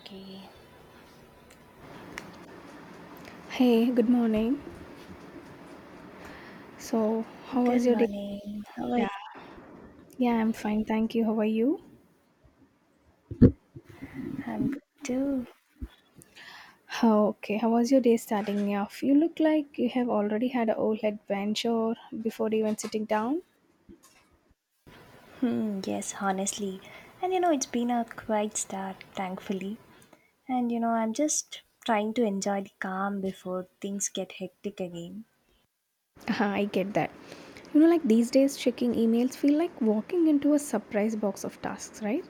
Okay. Hey, good morning. So, how was Good your day? morning. How are you? Yeah, yeah, I'm fine. Thank you. How are you? I'm good too. Oh, okay. How was your day starting off? You look like you have already had a whole adventure before even sitting down. Hmm, yes, honestly. And it's been a quiet start, thankfully. And I'm just trying to enjoy the calm before things get hectic again. Uh-huh, I get that. You know, like these days, checking emails feel like walking into a surprise box of tasks, right?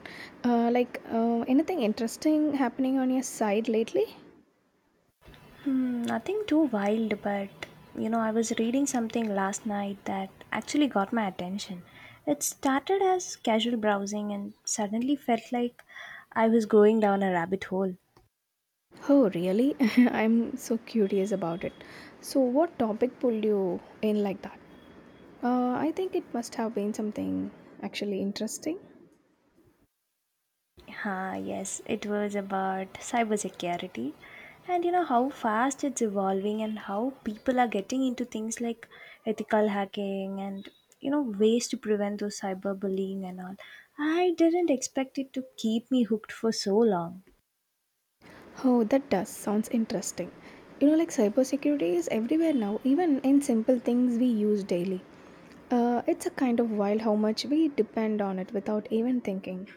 Anything interesting happening on your side lately? Nothing too wild, but I was reading something last night that actually got my attention. It started as casual browsing and suddenly felt like I was going down a rabbit hole. Oh, really? I'm so curious about it. So, what topic pulled you in like that? I think it must have been something actually interesting. Ah, yes, it was about cybersecurity and you know how fast it's evolving and how people are getting into things like ethical hacking and you know ways to prevent those cyberbullying and all. I didn't expect it to keep me hooked for so long. Oh, that does sounds interesting. You know, like cybersecurity is everywhere now, even in simple things we use daily. It's a kind of wild how much we depend on it without even thinking.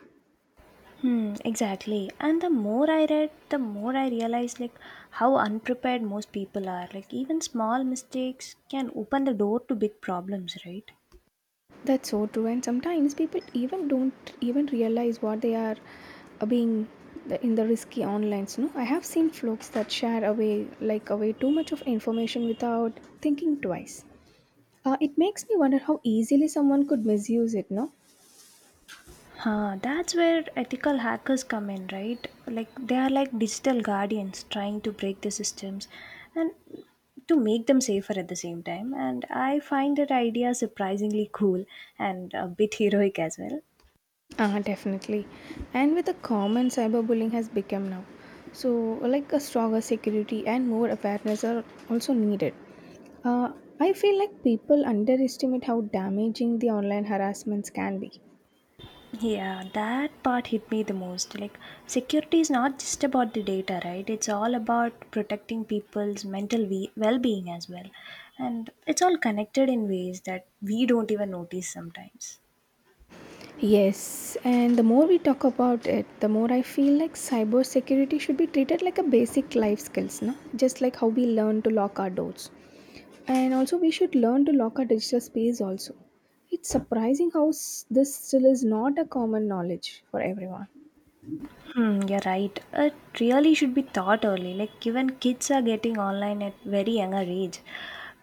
Hmm, exactly. And the more I read, the more I realized like how unprepared most people are. Like even small mistakes can open the door to big problems, right? That's so true, and sometimes people even don't even realize what they are being in the risky onlines. No, I have seen folks that share away like away too much of information without thinking twice. It makes me wonder how easily someone could misuse it, no? That's where ethical hackers come in, right? Like they are like digital guardians trying to break the systems and to make them safer at the same time. And I find that idea surprisingly cool and a bit heroic as well. Ah, definitely. And with the common cyberbullying has become now. So, like a stronger security and more awareness are also needed. Uh, I feel like people underestimate how damaging the online harassments can be. Yeah, that part hit me the most. Like, security is not just about the data, right? It's all about protecting people's mental well being as well. And it's all connected in ways that we don't even notice sometimes. Yes, and the more we talk about it, the more I feel like cybersecurity should be treated like a basic life skills, no? Just like how we learn to lock our doors. And also we should learn to lock our digital space also. It's surprising how this still is not a common knowledge for everyone. Hmm, you're right. It really should be taught early. Like even kids are getting online at very younger age,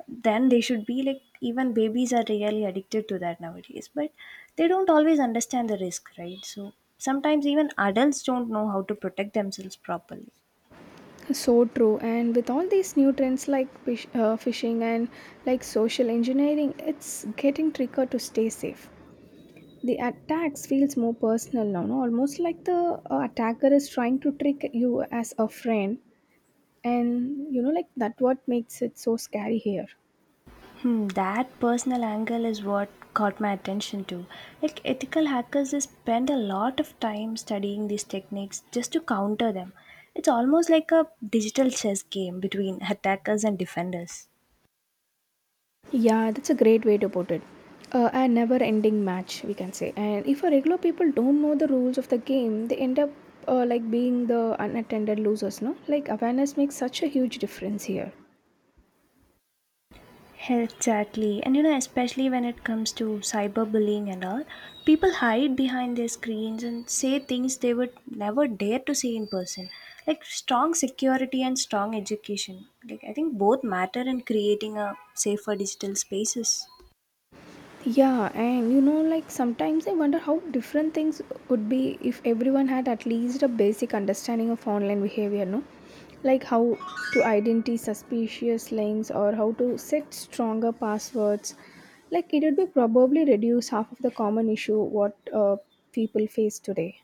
then they should be like even babies are really addicted to that nowadays. But they don't always understand the risk, right? So sometimes even adults don't know how to protect themselves properly. So true. And with all these new trends like phishing and like social engineering, it's getting trickier to stay safe. The attacks feels more personal now, no? Almost like the attacker is trying to trick you as a friend, and you know, like that. What makes it so scary here? That personal angle is what caught my attention too. Like ethical hackers they spend a lot of time studying these techniques just to counter them. It's almost like a digital chess game between attackers and defenders. Yeah, that's a great way to put it. A never ending match, we can say. And if a regular people don't know the rules of the game, they end up like being the unattended losers, no? Like awareness makes such a huge difference here. Exactly. And especially when it comes to cyberbullying and all, people hide behind their screens and say things they would never dare to say in person. Like strong security and strong education. Like I think both matter in creating a safer digital spaces. Yeah, and you know, like sometimes I wonder how different things would be if everyone had at least a basic understanding of online behavior, no? Like how to identify suspicious links or how to set stronger passwords. Like it would be probably reduce half of the common issue what people face today.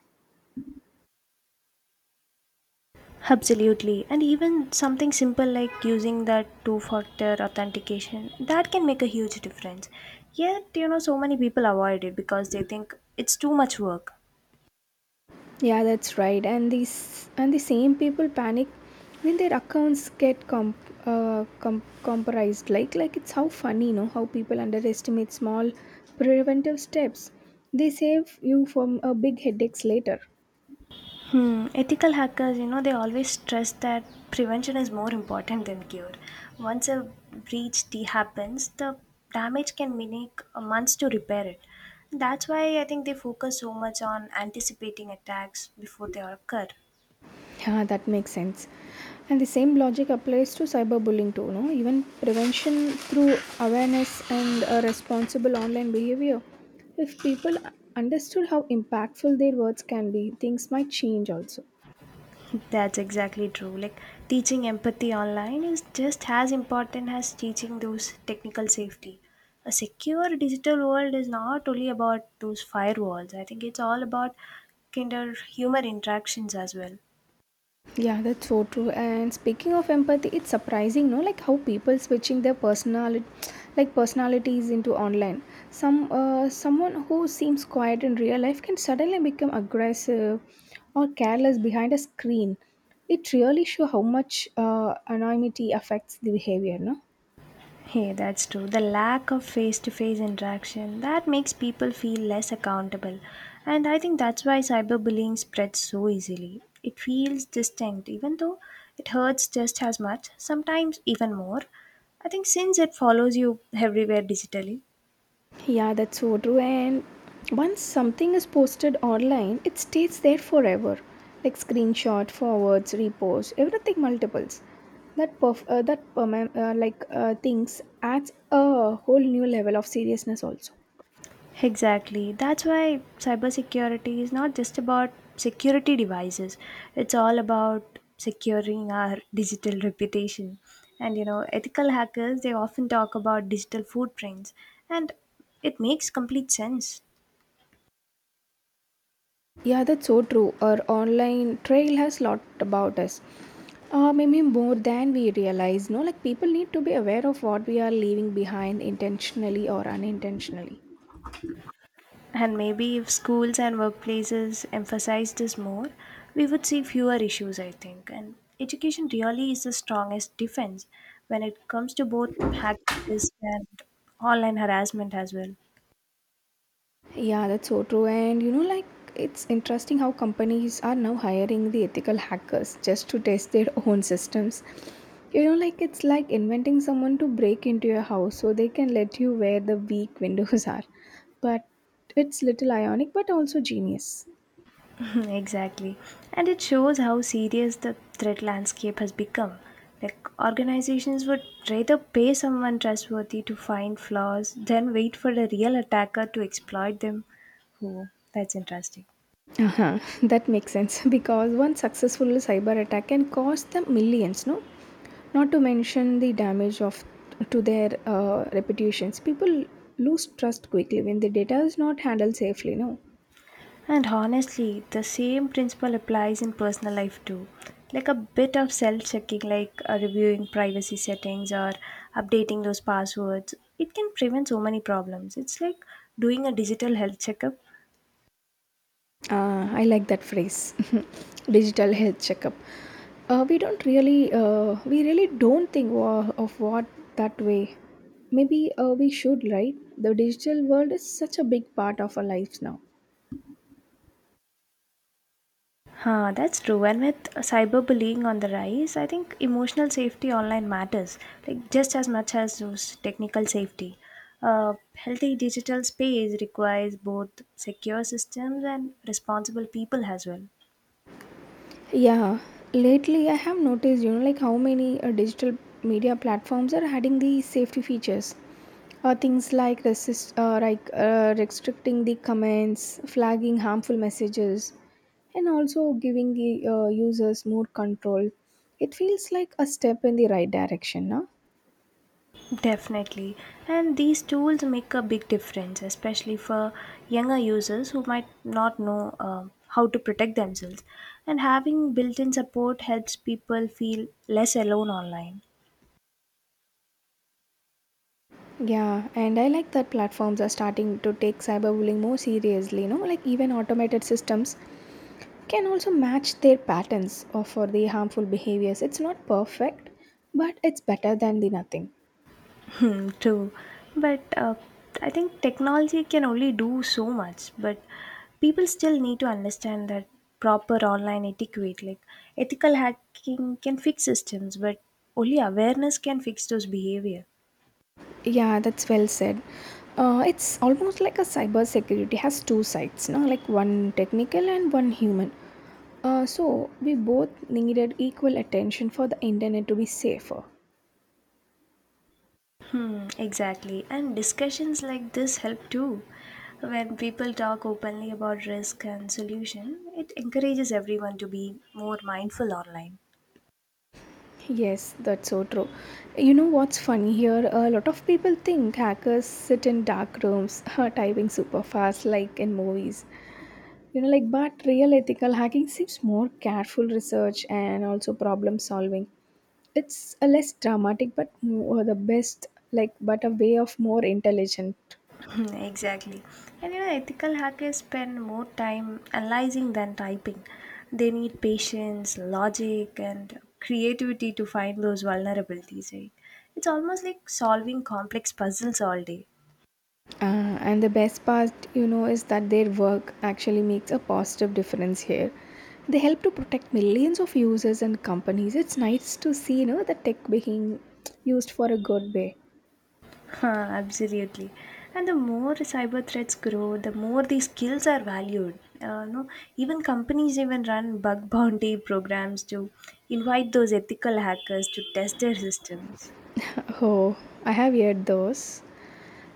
Absolutely. And even something simple like using that two factor authentication, that can make a huge difference. Yet, so many people avoid it because they think it's too much work. Yeah, that's right. And these and the same people panic when their accounts get compromised. Like it's how funny, you know, how people underestimate small preventive steps. They save you from a big headaches later. Hmm. Ethical hackers, they always stress that prevention is more important than cure. Once a breach happens, the damage can take months to repair it. That's why I think they focus so much on anticipating attacks before they occur. Yeah, that makes sense. And the same logic applies to cyberbullying too, no? Even prevention through awareness and a responsible online behavior. If people understood how impactful their words can be, things might change also. That's exactly true. Like teaching empathy online is just as important as teaching those technical safety. A secure digital world is not only about those firewalls. I think it's all about kind of human interactions as well. Yeah, that's so true. And speaking of empathy, it's surprising, no, like how people switching their personality, like personalities into online. Some someone who seems quiet in real life can suddenly become aggressive or careless behind a screen. It really shows how much anonymity affects the behavior, no? Hey, that's true. The lack of face to face interaction that makes people feel less accountable. And I think that's why cyberbullying spreads so easily. It feels distinct even though it hurts just as much, sometimes even more. I think since it follows you everywhere digitally. Yeah, that's so true. And once something is posted online, it stays there forever. Like screenshot, forwards, repost, everything multiples. That perf- that perma- like Things adds a whole new level of seriousness also. Exactly. That's why cybersecurity is not just about security devices. It's all about securing our digital reputation. And ethical hackers they often talk about digital footprints and it makes complete sense. Yeah, that's so true. Our online trail has lot about us. Maybe more than we realize. No, like people need to be aware of what we are leaving behind intentionally or unintentionally. And maybe if schools and workplaces emphasize this more, we would see fewer issues, I think. And education really is the strongest defense when it comes to both hackers and online harassment as well. Yeah, that's so true. And you know, like it's interesting how companies are now hiring the ethical hackers just to test their own systems. You know, like it's like inventing someone to break into your house so they can let you where the weak windows are. But it's little ionic, but also genius. Exactly. And it shows how serious the threat landscape has become. Like, organizations would rather pay someone trustworthy to find flaws than wait for a real attacker to exploit them. Oh, that's interesting. Uh-huh. That makes sense because one successful cyber attack can cost them millions, no? Not to mention the damage of to their reputations. People lose trust quickly when the data is not handled safely, no? And honestly, the same principle applies in personal life too. Like a bit of self checking, like reviewing privacy settings or updating those passwords, it can prevent so many problems. It's like doing a digital health checkup. I like that phrase. Digital health checkup. We really don't think of what that way. Maybe we should, right? The digital world is such a big part of our lives now. That's true. And with cyberbullying on the rise, I think emotional safety online matters, like just as much as those technical safety. A healthy digital space requires both secure systems and responsible people as well. Yeah, lately I have noticed, you know, like how many digital media platforms are adding these safety features. Things like restricting the comments, flagging harmful messages, and also giving the users more control. It feels like a step in the right direction, no? Definitely. And these tools make a big difference, especially for younger users who might not know how to protect themselves. And having built in support helps people feel less alone online. Yeah, and I like that platforms are starting to take cyberbullying more seriously, you know, like even automated systems can also match their patterns or for the harmful behaviors. It's not perfect, but it's better than the nothing. Mm, true. But I think technology can only do so much, but people still need to understand that proper online etiquette, like ethical hacking can fix systems, but only awareness can fix those behavior. Yeah, that's well said. It's almost like a cybersecurity has two sides, no? Like one technical and one human. So we both needed equal attention for the internet to be safer. Hmm, exactly. And discussions like this help too. When people talk openly about risk and solution, it encourages everyone to be more mindful online. Yes, that's so true. You know what's funny here? A lot of people think hackers sit in dark rooms, typing super fast like in movies. You know, like, but real ethical hacking seems more careful research and also problem solving. It's a less dramatic, but more the best, like, but a way of more intelligent. Exactly. And ethical hackers spend more time analyzing than typing. They need patience, logic, and creativity to find those vulnerabilities, right? It's almost like solving complex puzzles all day. Uh, and the best part, you know, is that their work actually makes a positive difference here. They help to protect millions of users and companies. It's nice to see, you know, the tech being used for a good way. Huh, absolutely. And the more cyber threats grow, the more these skills are valued. No, even companies even run bug bounty programs to invite those ethical hackers to test their systems. Oh, I have heard those.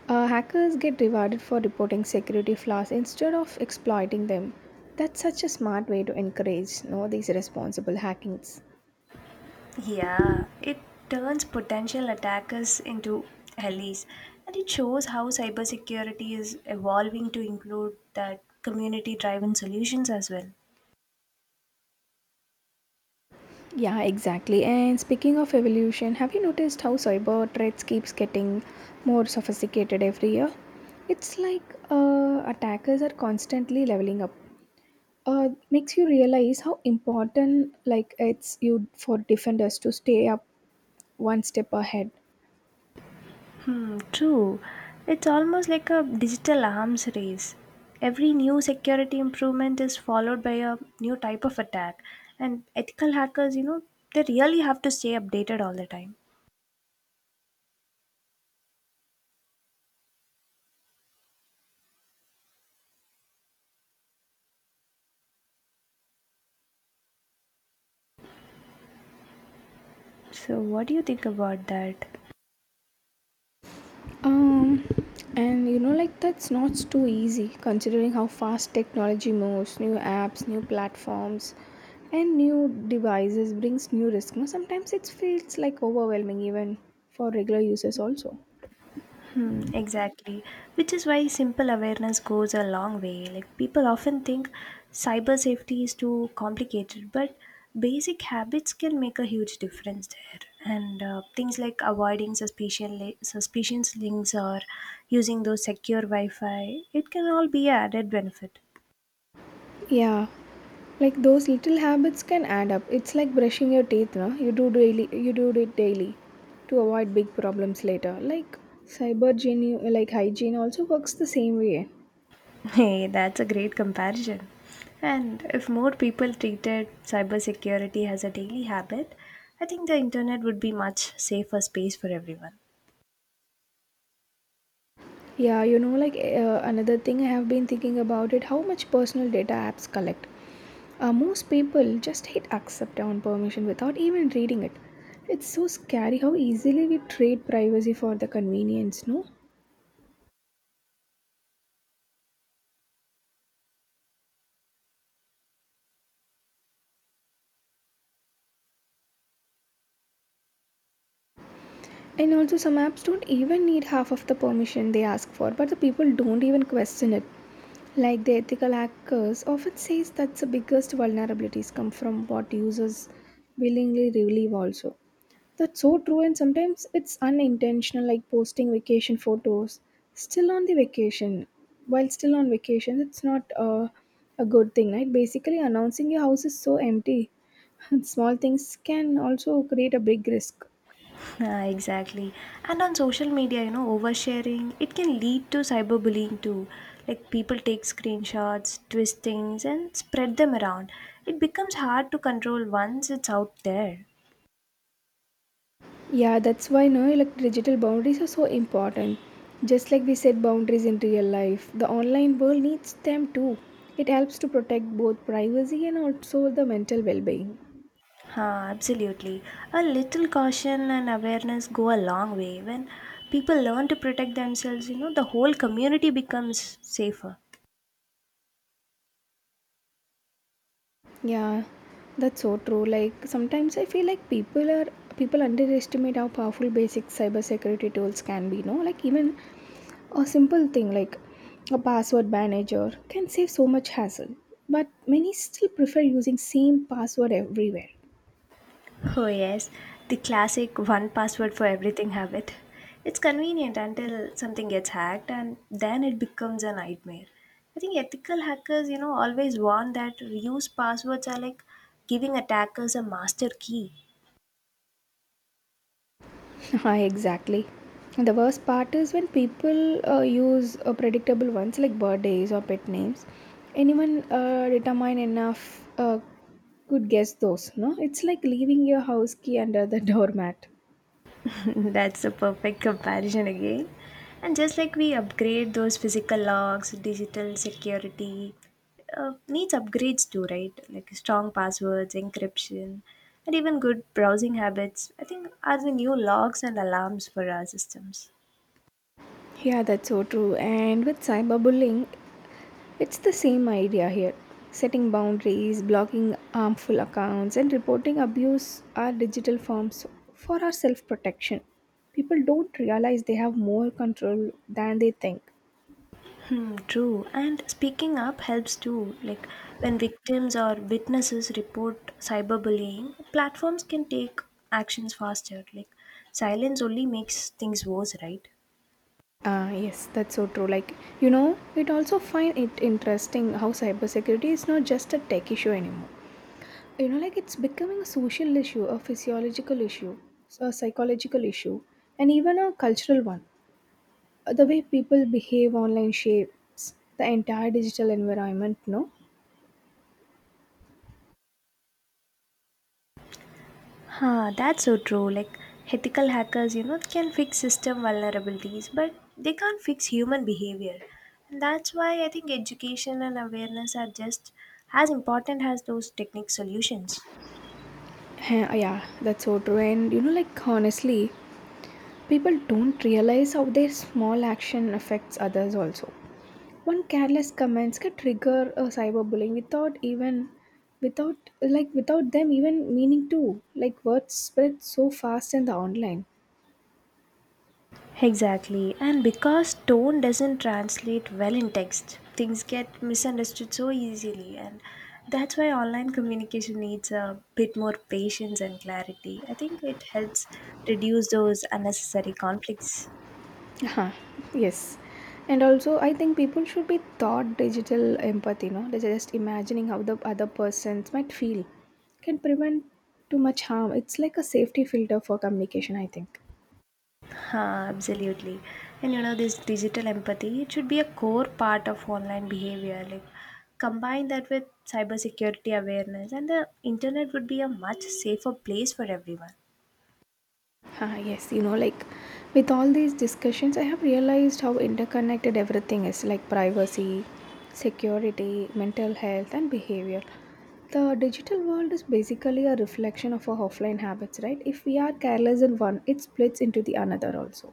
Hackers get rewarded for reporting security flaws instead of exploiting them. That's such a smart way to encourage no, these responsible hackings. Yeah, it turns potential attackers into allies, and it shows how cybersecurity is evolving to include that community-driven solutions as well. Yeah, exactly. And speaking of evolution, have you noticed how cyber threats keeps getting more sophisticated every year? It's like attackers are constantly leveling up. Makes you realize how important like it's you for defenders to stay up one step ahead. Hmm, true. It's almost like a digital arms race. Every new security improvement is followed by a new type of attack, and ethical hackers, they really have to stay updated all the time. So, what do you think about that? Um, and you know, like that's not too easy considering how fast technology moves. New apps, new platforms, and new devices brings new risk. You know, sometimes it feels like overwhelming even for regular users also. Hmm, exactly. Which is why simple awareness goes a long way. Like people often think cyber safety is too complicated, but basic habits can make a huge difference there. And things like avoiding suspicious links or using those secure Wi-Fi, it can all be an added benefit. Yeah, like those little habits can add up. It's like brushing your teeth. No, you do daily. You do it daily to avoid big problems later. Like hygiene also works the same way. Hey, that's a great comparison. And if more people treated cybersecurity as a daily habit, I think the internet would be much safer space for everyone. Yeah, you know, like another thing I have been thinking about it how much personal data apps collect. Most people just hit accept on permission without even reading it. It's so scary how easily we trade privacy for the convenience, no? And also, some apps don't even need half of the permission they ask for, but the people don't even question it. Like the ethical hackers often says that the biggest vulnerabilities come from what users willingly relieve also. That's so true and sometimes it's unintentional like posting vacation photos still on the vacation. While still on vacation, it's not a good thing, right? Basically announcing your house is so empty. Small things can also create a big risk. Yeah, exactly. And on social media, oversharing, it can lead to cyberbullying too. Like people take screenshots, twist things, and spread them around. It becomes hard to control once it's out there. Yeah, that's why no, like digital boundaries are so important. Just like we set boundaries in real life, the online world needs them too. It helps to protect both privacy and also the mental well-being. Huh, absolutely. A little caution and awareness go a long way. When people learn to protect themselves, the whole community becomes safer. Yeah, that's so true. Like sometimes I feel like people underestimate how powerful basic cybersecurity tools can be. No, like even a simple thing like a password manager can save so much hassle, but many still prefer using same password everywhere. Oh, yes, the classic one password for everything habit. It's convenient until something gets hacked and then it becomes a nightmare. I think ethical hackers, always warn that reuse passwords are like giving attackers a master key. Hi, exactly. The worst part is when people use predictable ones like birthdays or pet names. Anyone determined enough could guess those, no? It's like leaving your house key under the doormat. That's a perfect comparison again. And just like we upgrade those physical locks, digital security needs upgrades too, right? Like strong passwords, encryption, and even good browsing habits, I think are the new locks and alarms for our systems. Yeah, that's so true. And with cyberbullying, it's the same idea here. Setting boundaries, blocking harmful accounts, and reporting abuse are digital forms for our self protection. People don't realize they have more control than they think. Hmm, true. And speaking up helps too. Like when victims or witnesses report cyberbullying, platforms can take actions faster. Like silence only makes things worse, right? Ah, yes, that's so true. Like, you know, it also find it interesting how cybersecurity is not just a tech issue anymore. You know, like it's becoming a social issue, a physiological issue, a psychological issue, and even a cultural one. The way people behave online shapes the entire digital environment, no? That's so true. Like ethical hackers, can fix system vulnerabilities, but they can't fix human behavior. And that's why I think education and awareness are just as important as those technique solutions. Huh, yeah, that's so true. And you know, like honestly, people don't realize how their small action affects others also. One careless comments can trigger a cyberbullying without them even meaning to. Like words spread so fast in the online. Exactly. And because tone doesn't translate well in text, things get misunderstood so easily. And that's why online communication needs a bit more patience and clarity. I think it helps reduce those unnecessary conflicts. Uh-huh. Yes. And also I think people should be taught digital empathy, no? They're just imagining how the other persons might feel. Can prevent too much harm. It's like a safety filter for communication, I think. Huh, absolutely. And this digital empathy, it should be a core part of online behavior. Like, combine that with cybersecurity awareness, and the internet would be a much safer place for everyone. Ah, yes, you know, like with all these discussions, I have realized how interconnected everything is like privacy, security, mental health, and behavior. The digital world is basically a reflection of our offline habits, right? If we are careless in one, it splits into the another also.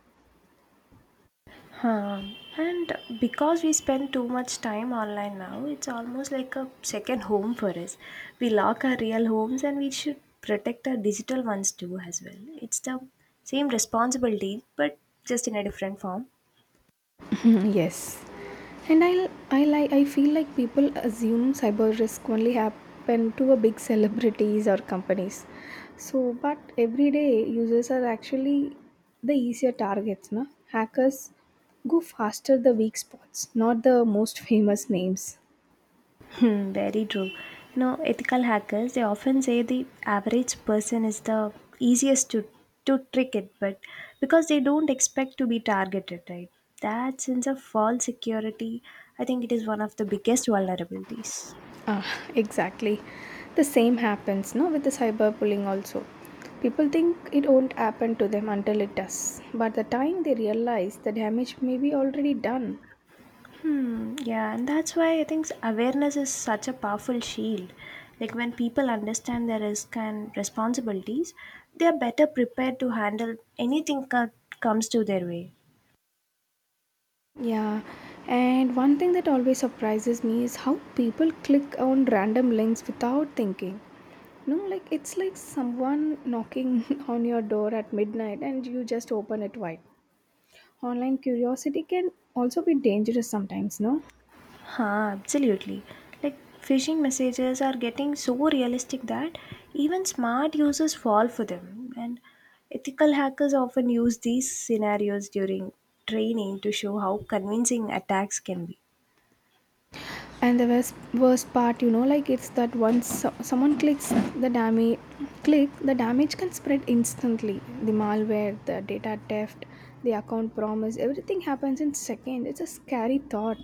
Huh. And because we spend too much time online now, it's almost like a second home for us. We lock our real homes and we should protect our digital ones too, as well. It's the same responsibility, but just in a different form. Mhm, yes, and I feel like people assume cyber risk only happen to a big celebrities or companies, so but everyday users are actually the easier targets, no? Hackers go faster the weak spots, not the most famous names. Hmm, very true. Ethical hackers, they often say the average person is the easiest to trick it, but because they don't expect to be targeted, right? That sense of false security, I think it is one of the biggest vulnerabilities. Ah, exactly, the same happens no with the cyber bullying also. People think it won't happen to them until it does, but the time they realize the damage may be already done. Hmm, yeah, and that's why I think awareness is such a powerful shield. Like when people understand their risk and responsibilities, they are better prepared to handle anything that comes to their way. Yeah, and one thing that always surprises me is how people click on random links without thinking. No, like it's like someone knocking on your door at midnight and you just open it wide. Online curiosity can also be dangerous sometimes, no? Huh, absolutely. Like phishing messages are getting so realistic that even smart users fall for them. And ethical hackers often use these scenarios during training to show how convincing attacks can be. And the worst part, you know, like it's that once someone clicks the damage, click the damage can spread instantly. The malware, the data theft, the account promise, everything happens in seconds. It's a scary thought.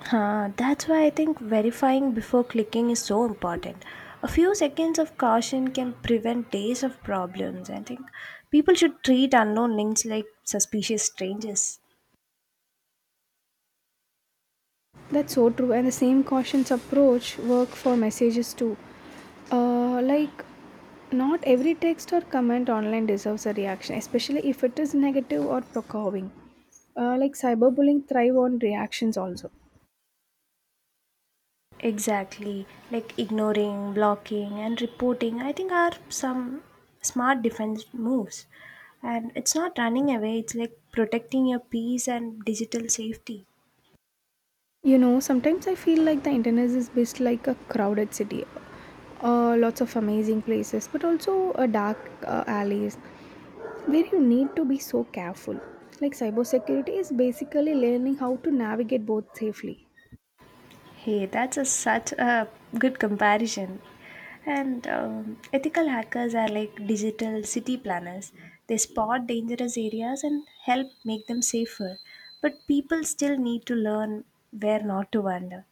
That's why I think verifying before clicking is so important. A few seconds of caution can prevent days of problems. I think people should treat unknown links like suspicious strangers. That's so true, and the same cautious approach work for messages too. Uh, like, Not every text or comment online deserves a reaction, especially if it is negative or provoking. Like cyberbullying thrive on reactions also. Exactly. Like ignoring, blocking, and reporting, I think are some smart defense moves. And it's not running away, it's like protecting your peace and digital safety. You know, sometimes I feel like the internet is based like a crowded city, lots of amazing places, but also dark alleys where you need to be so careful. Like cybersecurity is basically learning how to navigate both safely. Hey, that's such a good comparison. And ethical hackers are like digital city planners. They spot dangerous areas and help make them safer. But people still need to learn where not to wander.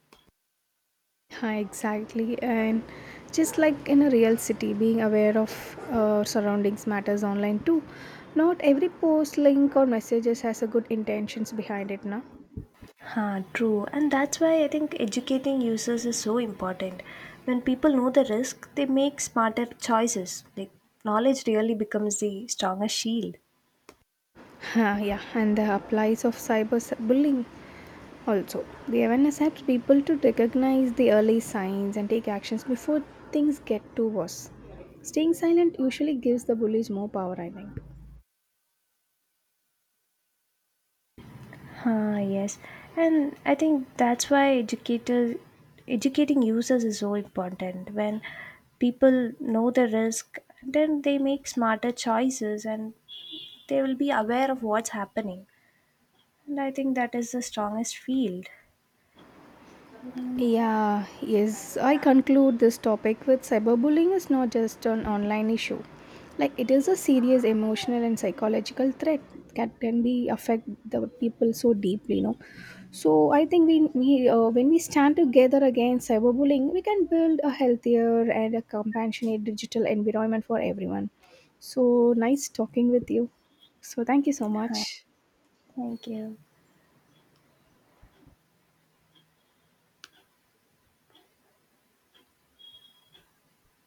Yeah, exactly. And just like in a real city, being aware of surroundings matters online too. Not every post, link, or messages has a good intentions behind it, now. Huh, true, and that's why I think educating users is so important. When people know the risk, they make smarter choices. Like knowledge really becomes the strongest shield. Huh, yeah, and the applies of cyberbullying also. The awareness helps people to recognize the early signs and take actions before things get too worse. Staying silent usually gives the bullies more power, I think. Huh, yes, and I think that's why educators educating users is so important. When people know the risk, then they make smarter choices, and they will be aware of what's happening. And I think that is the strongest field. You know, Yeah, yes, I conclude this topic with cyberbullying is not just an online issue. Like it is a serious emotional and psychological threat that can be affect the people so deeply, you know. So I think we when we stand together against cyberbullying, we can build a healthier and a compassionate digital environment for everyone. So nice talking with you. So thank you so huh, much. Thank you.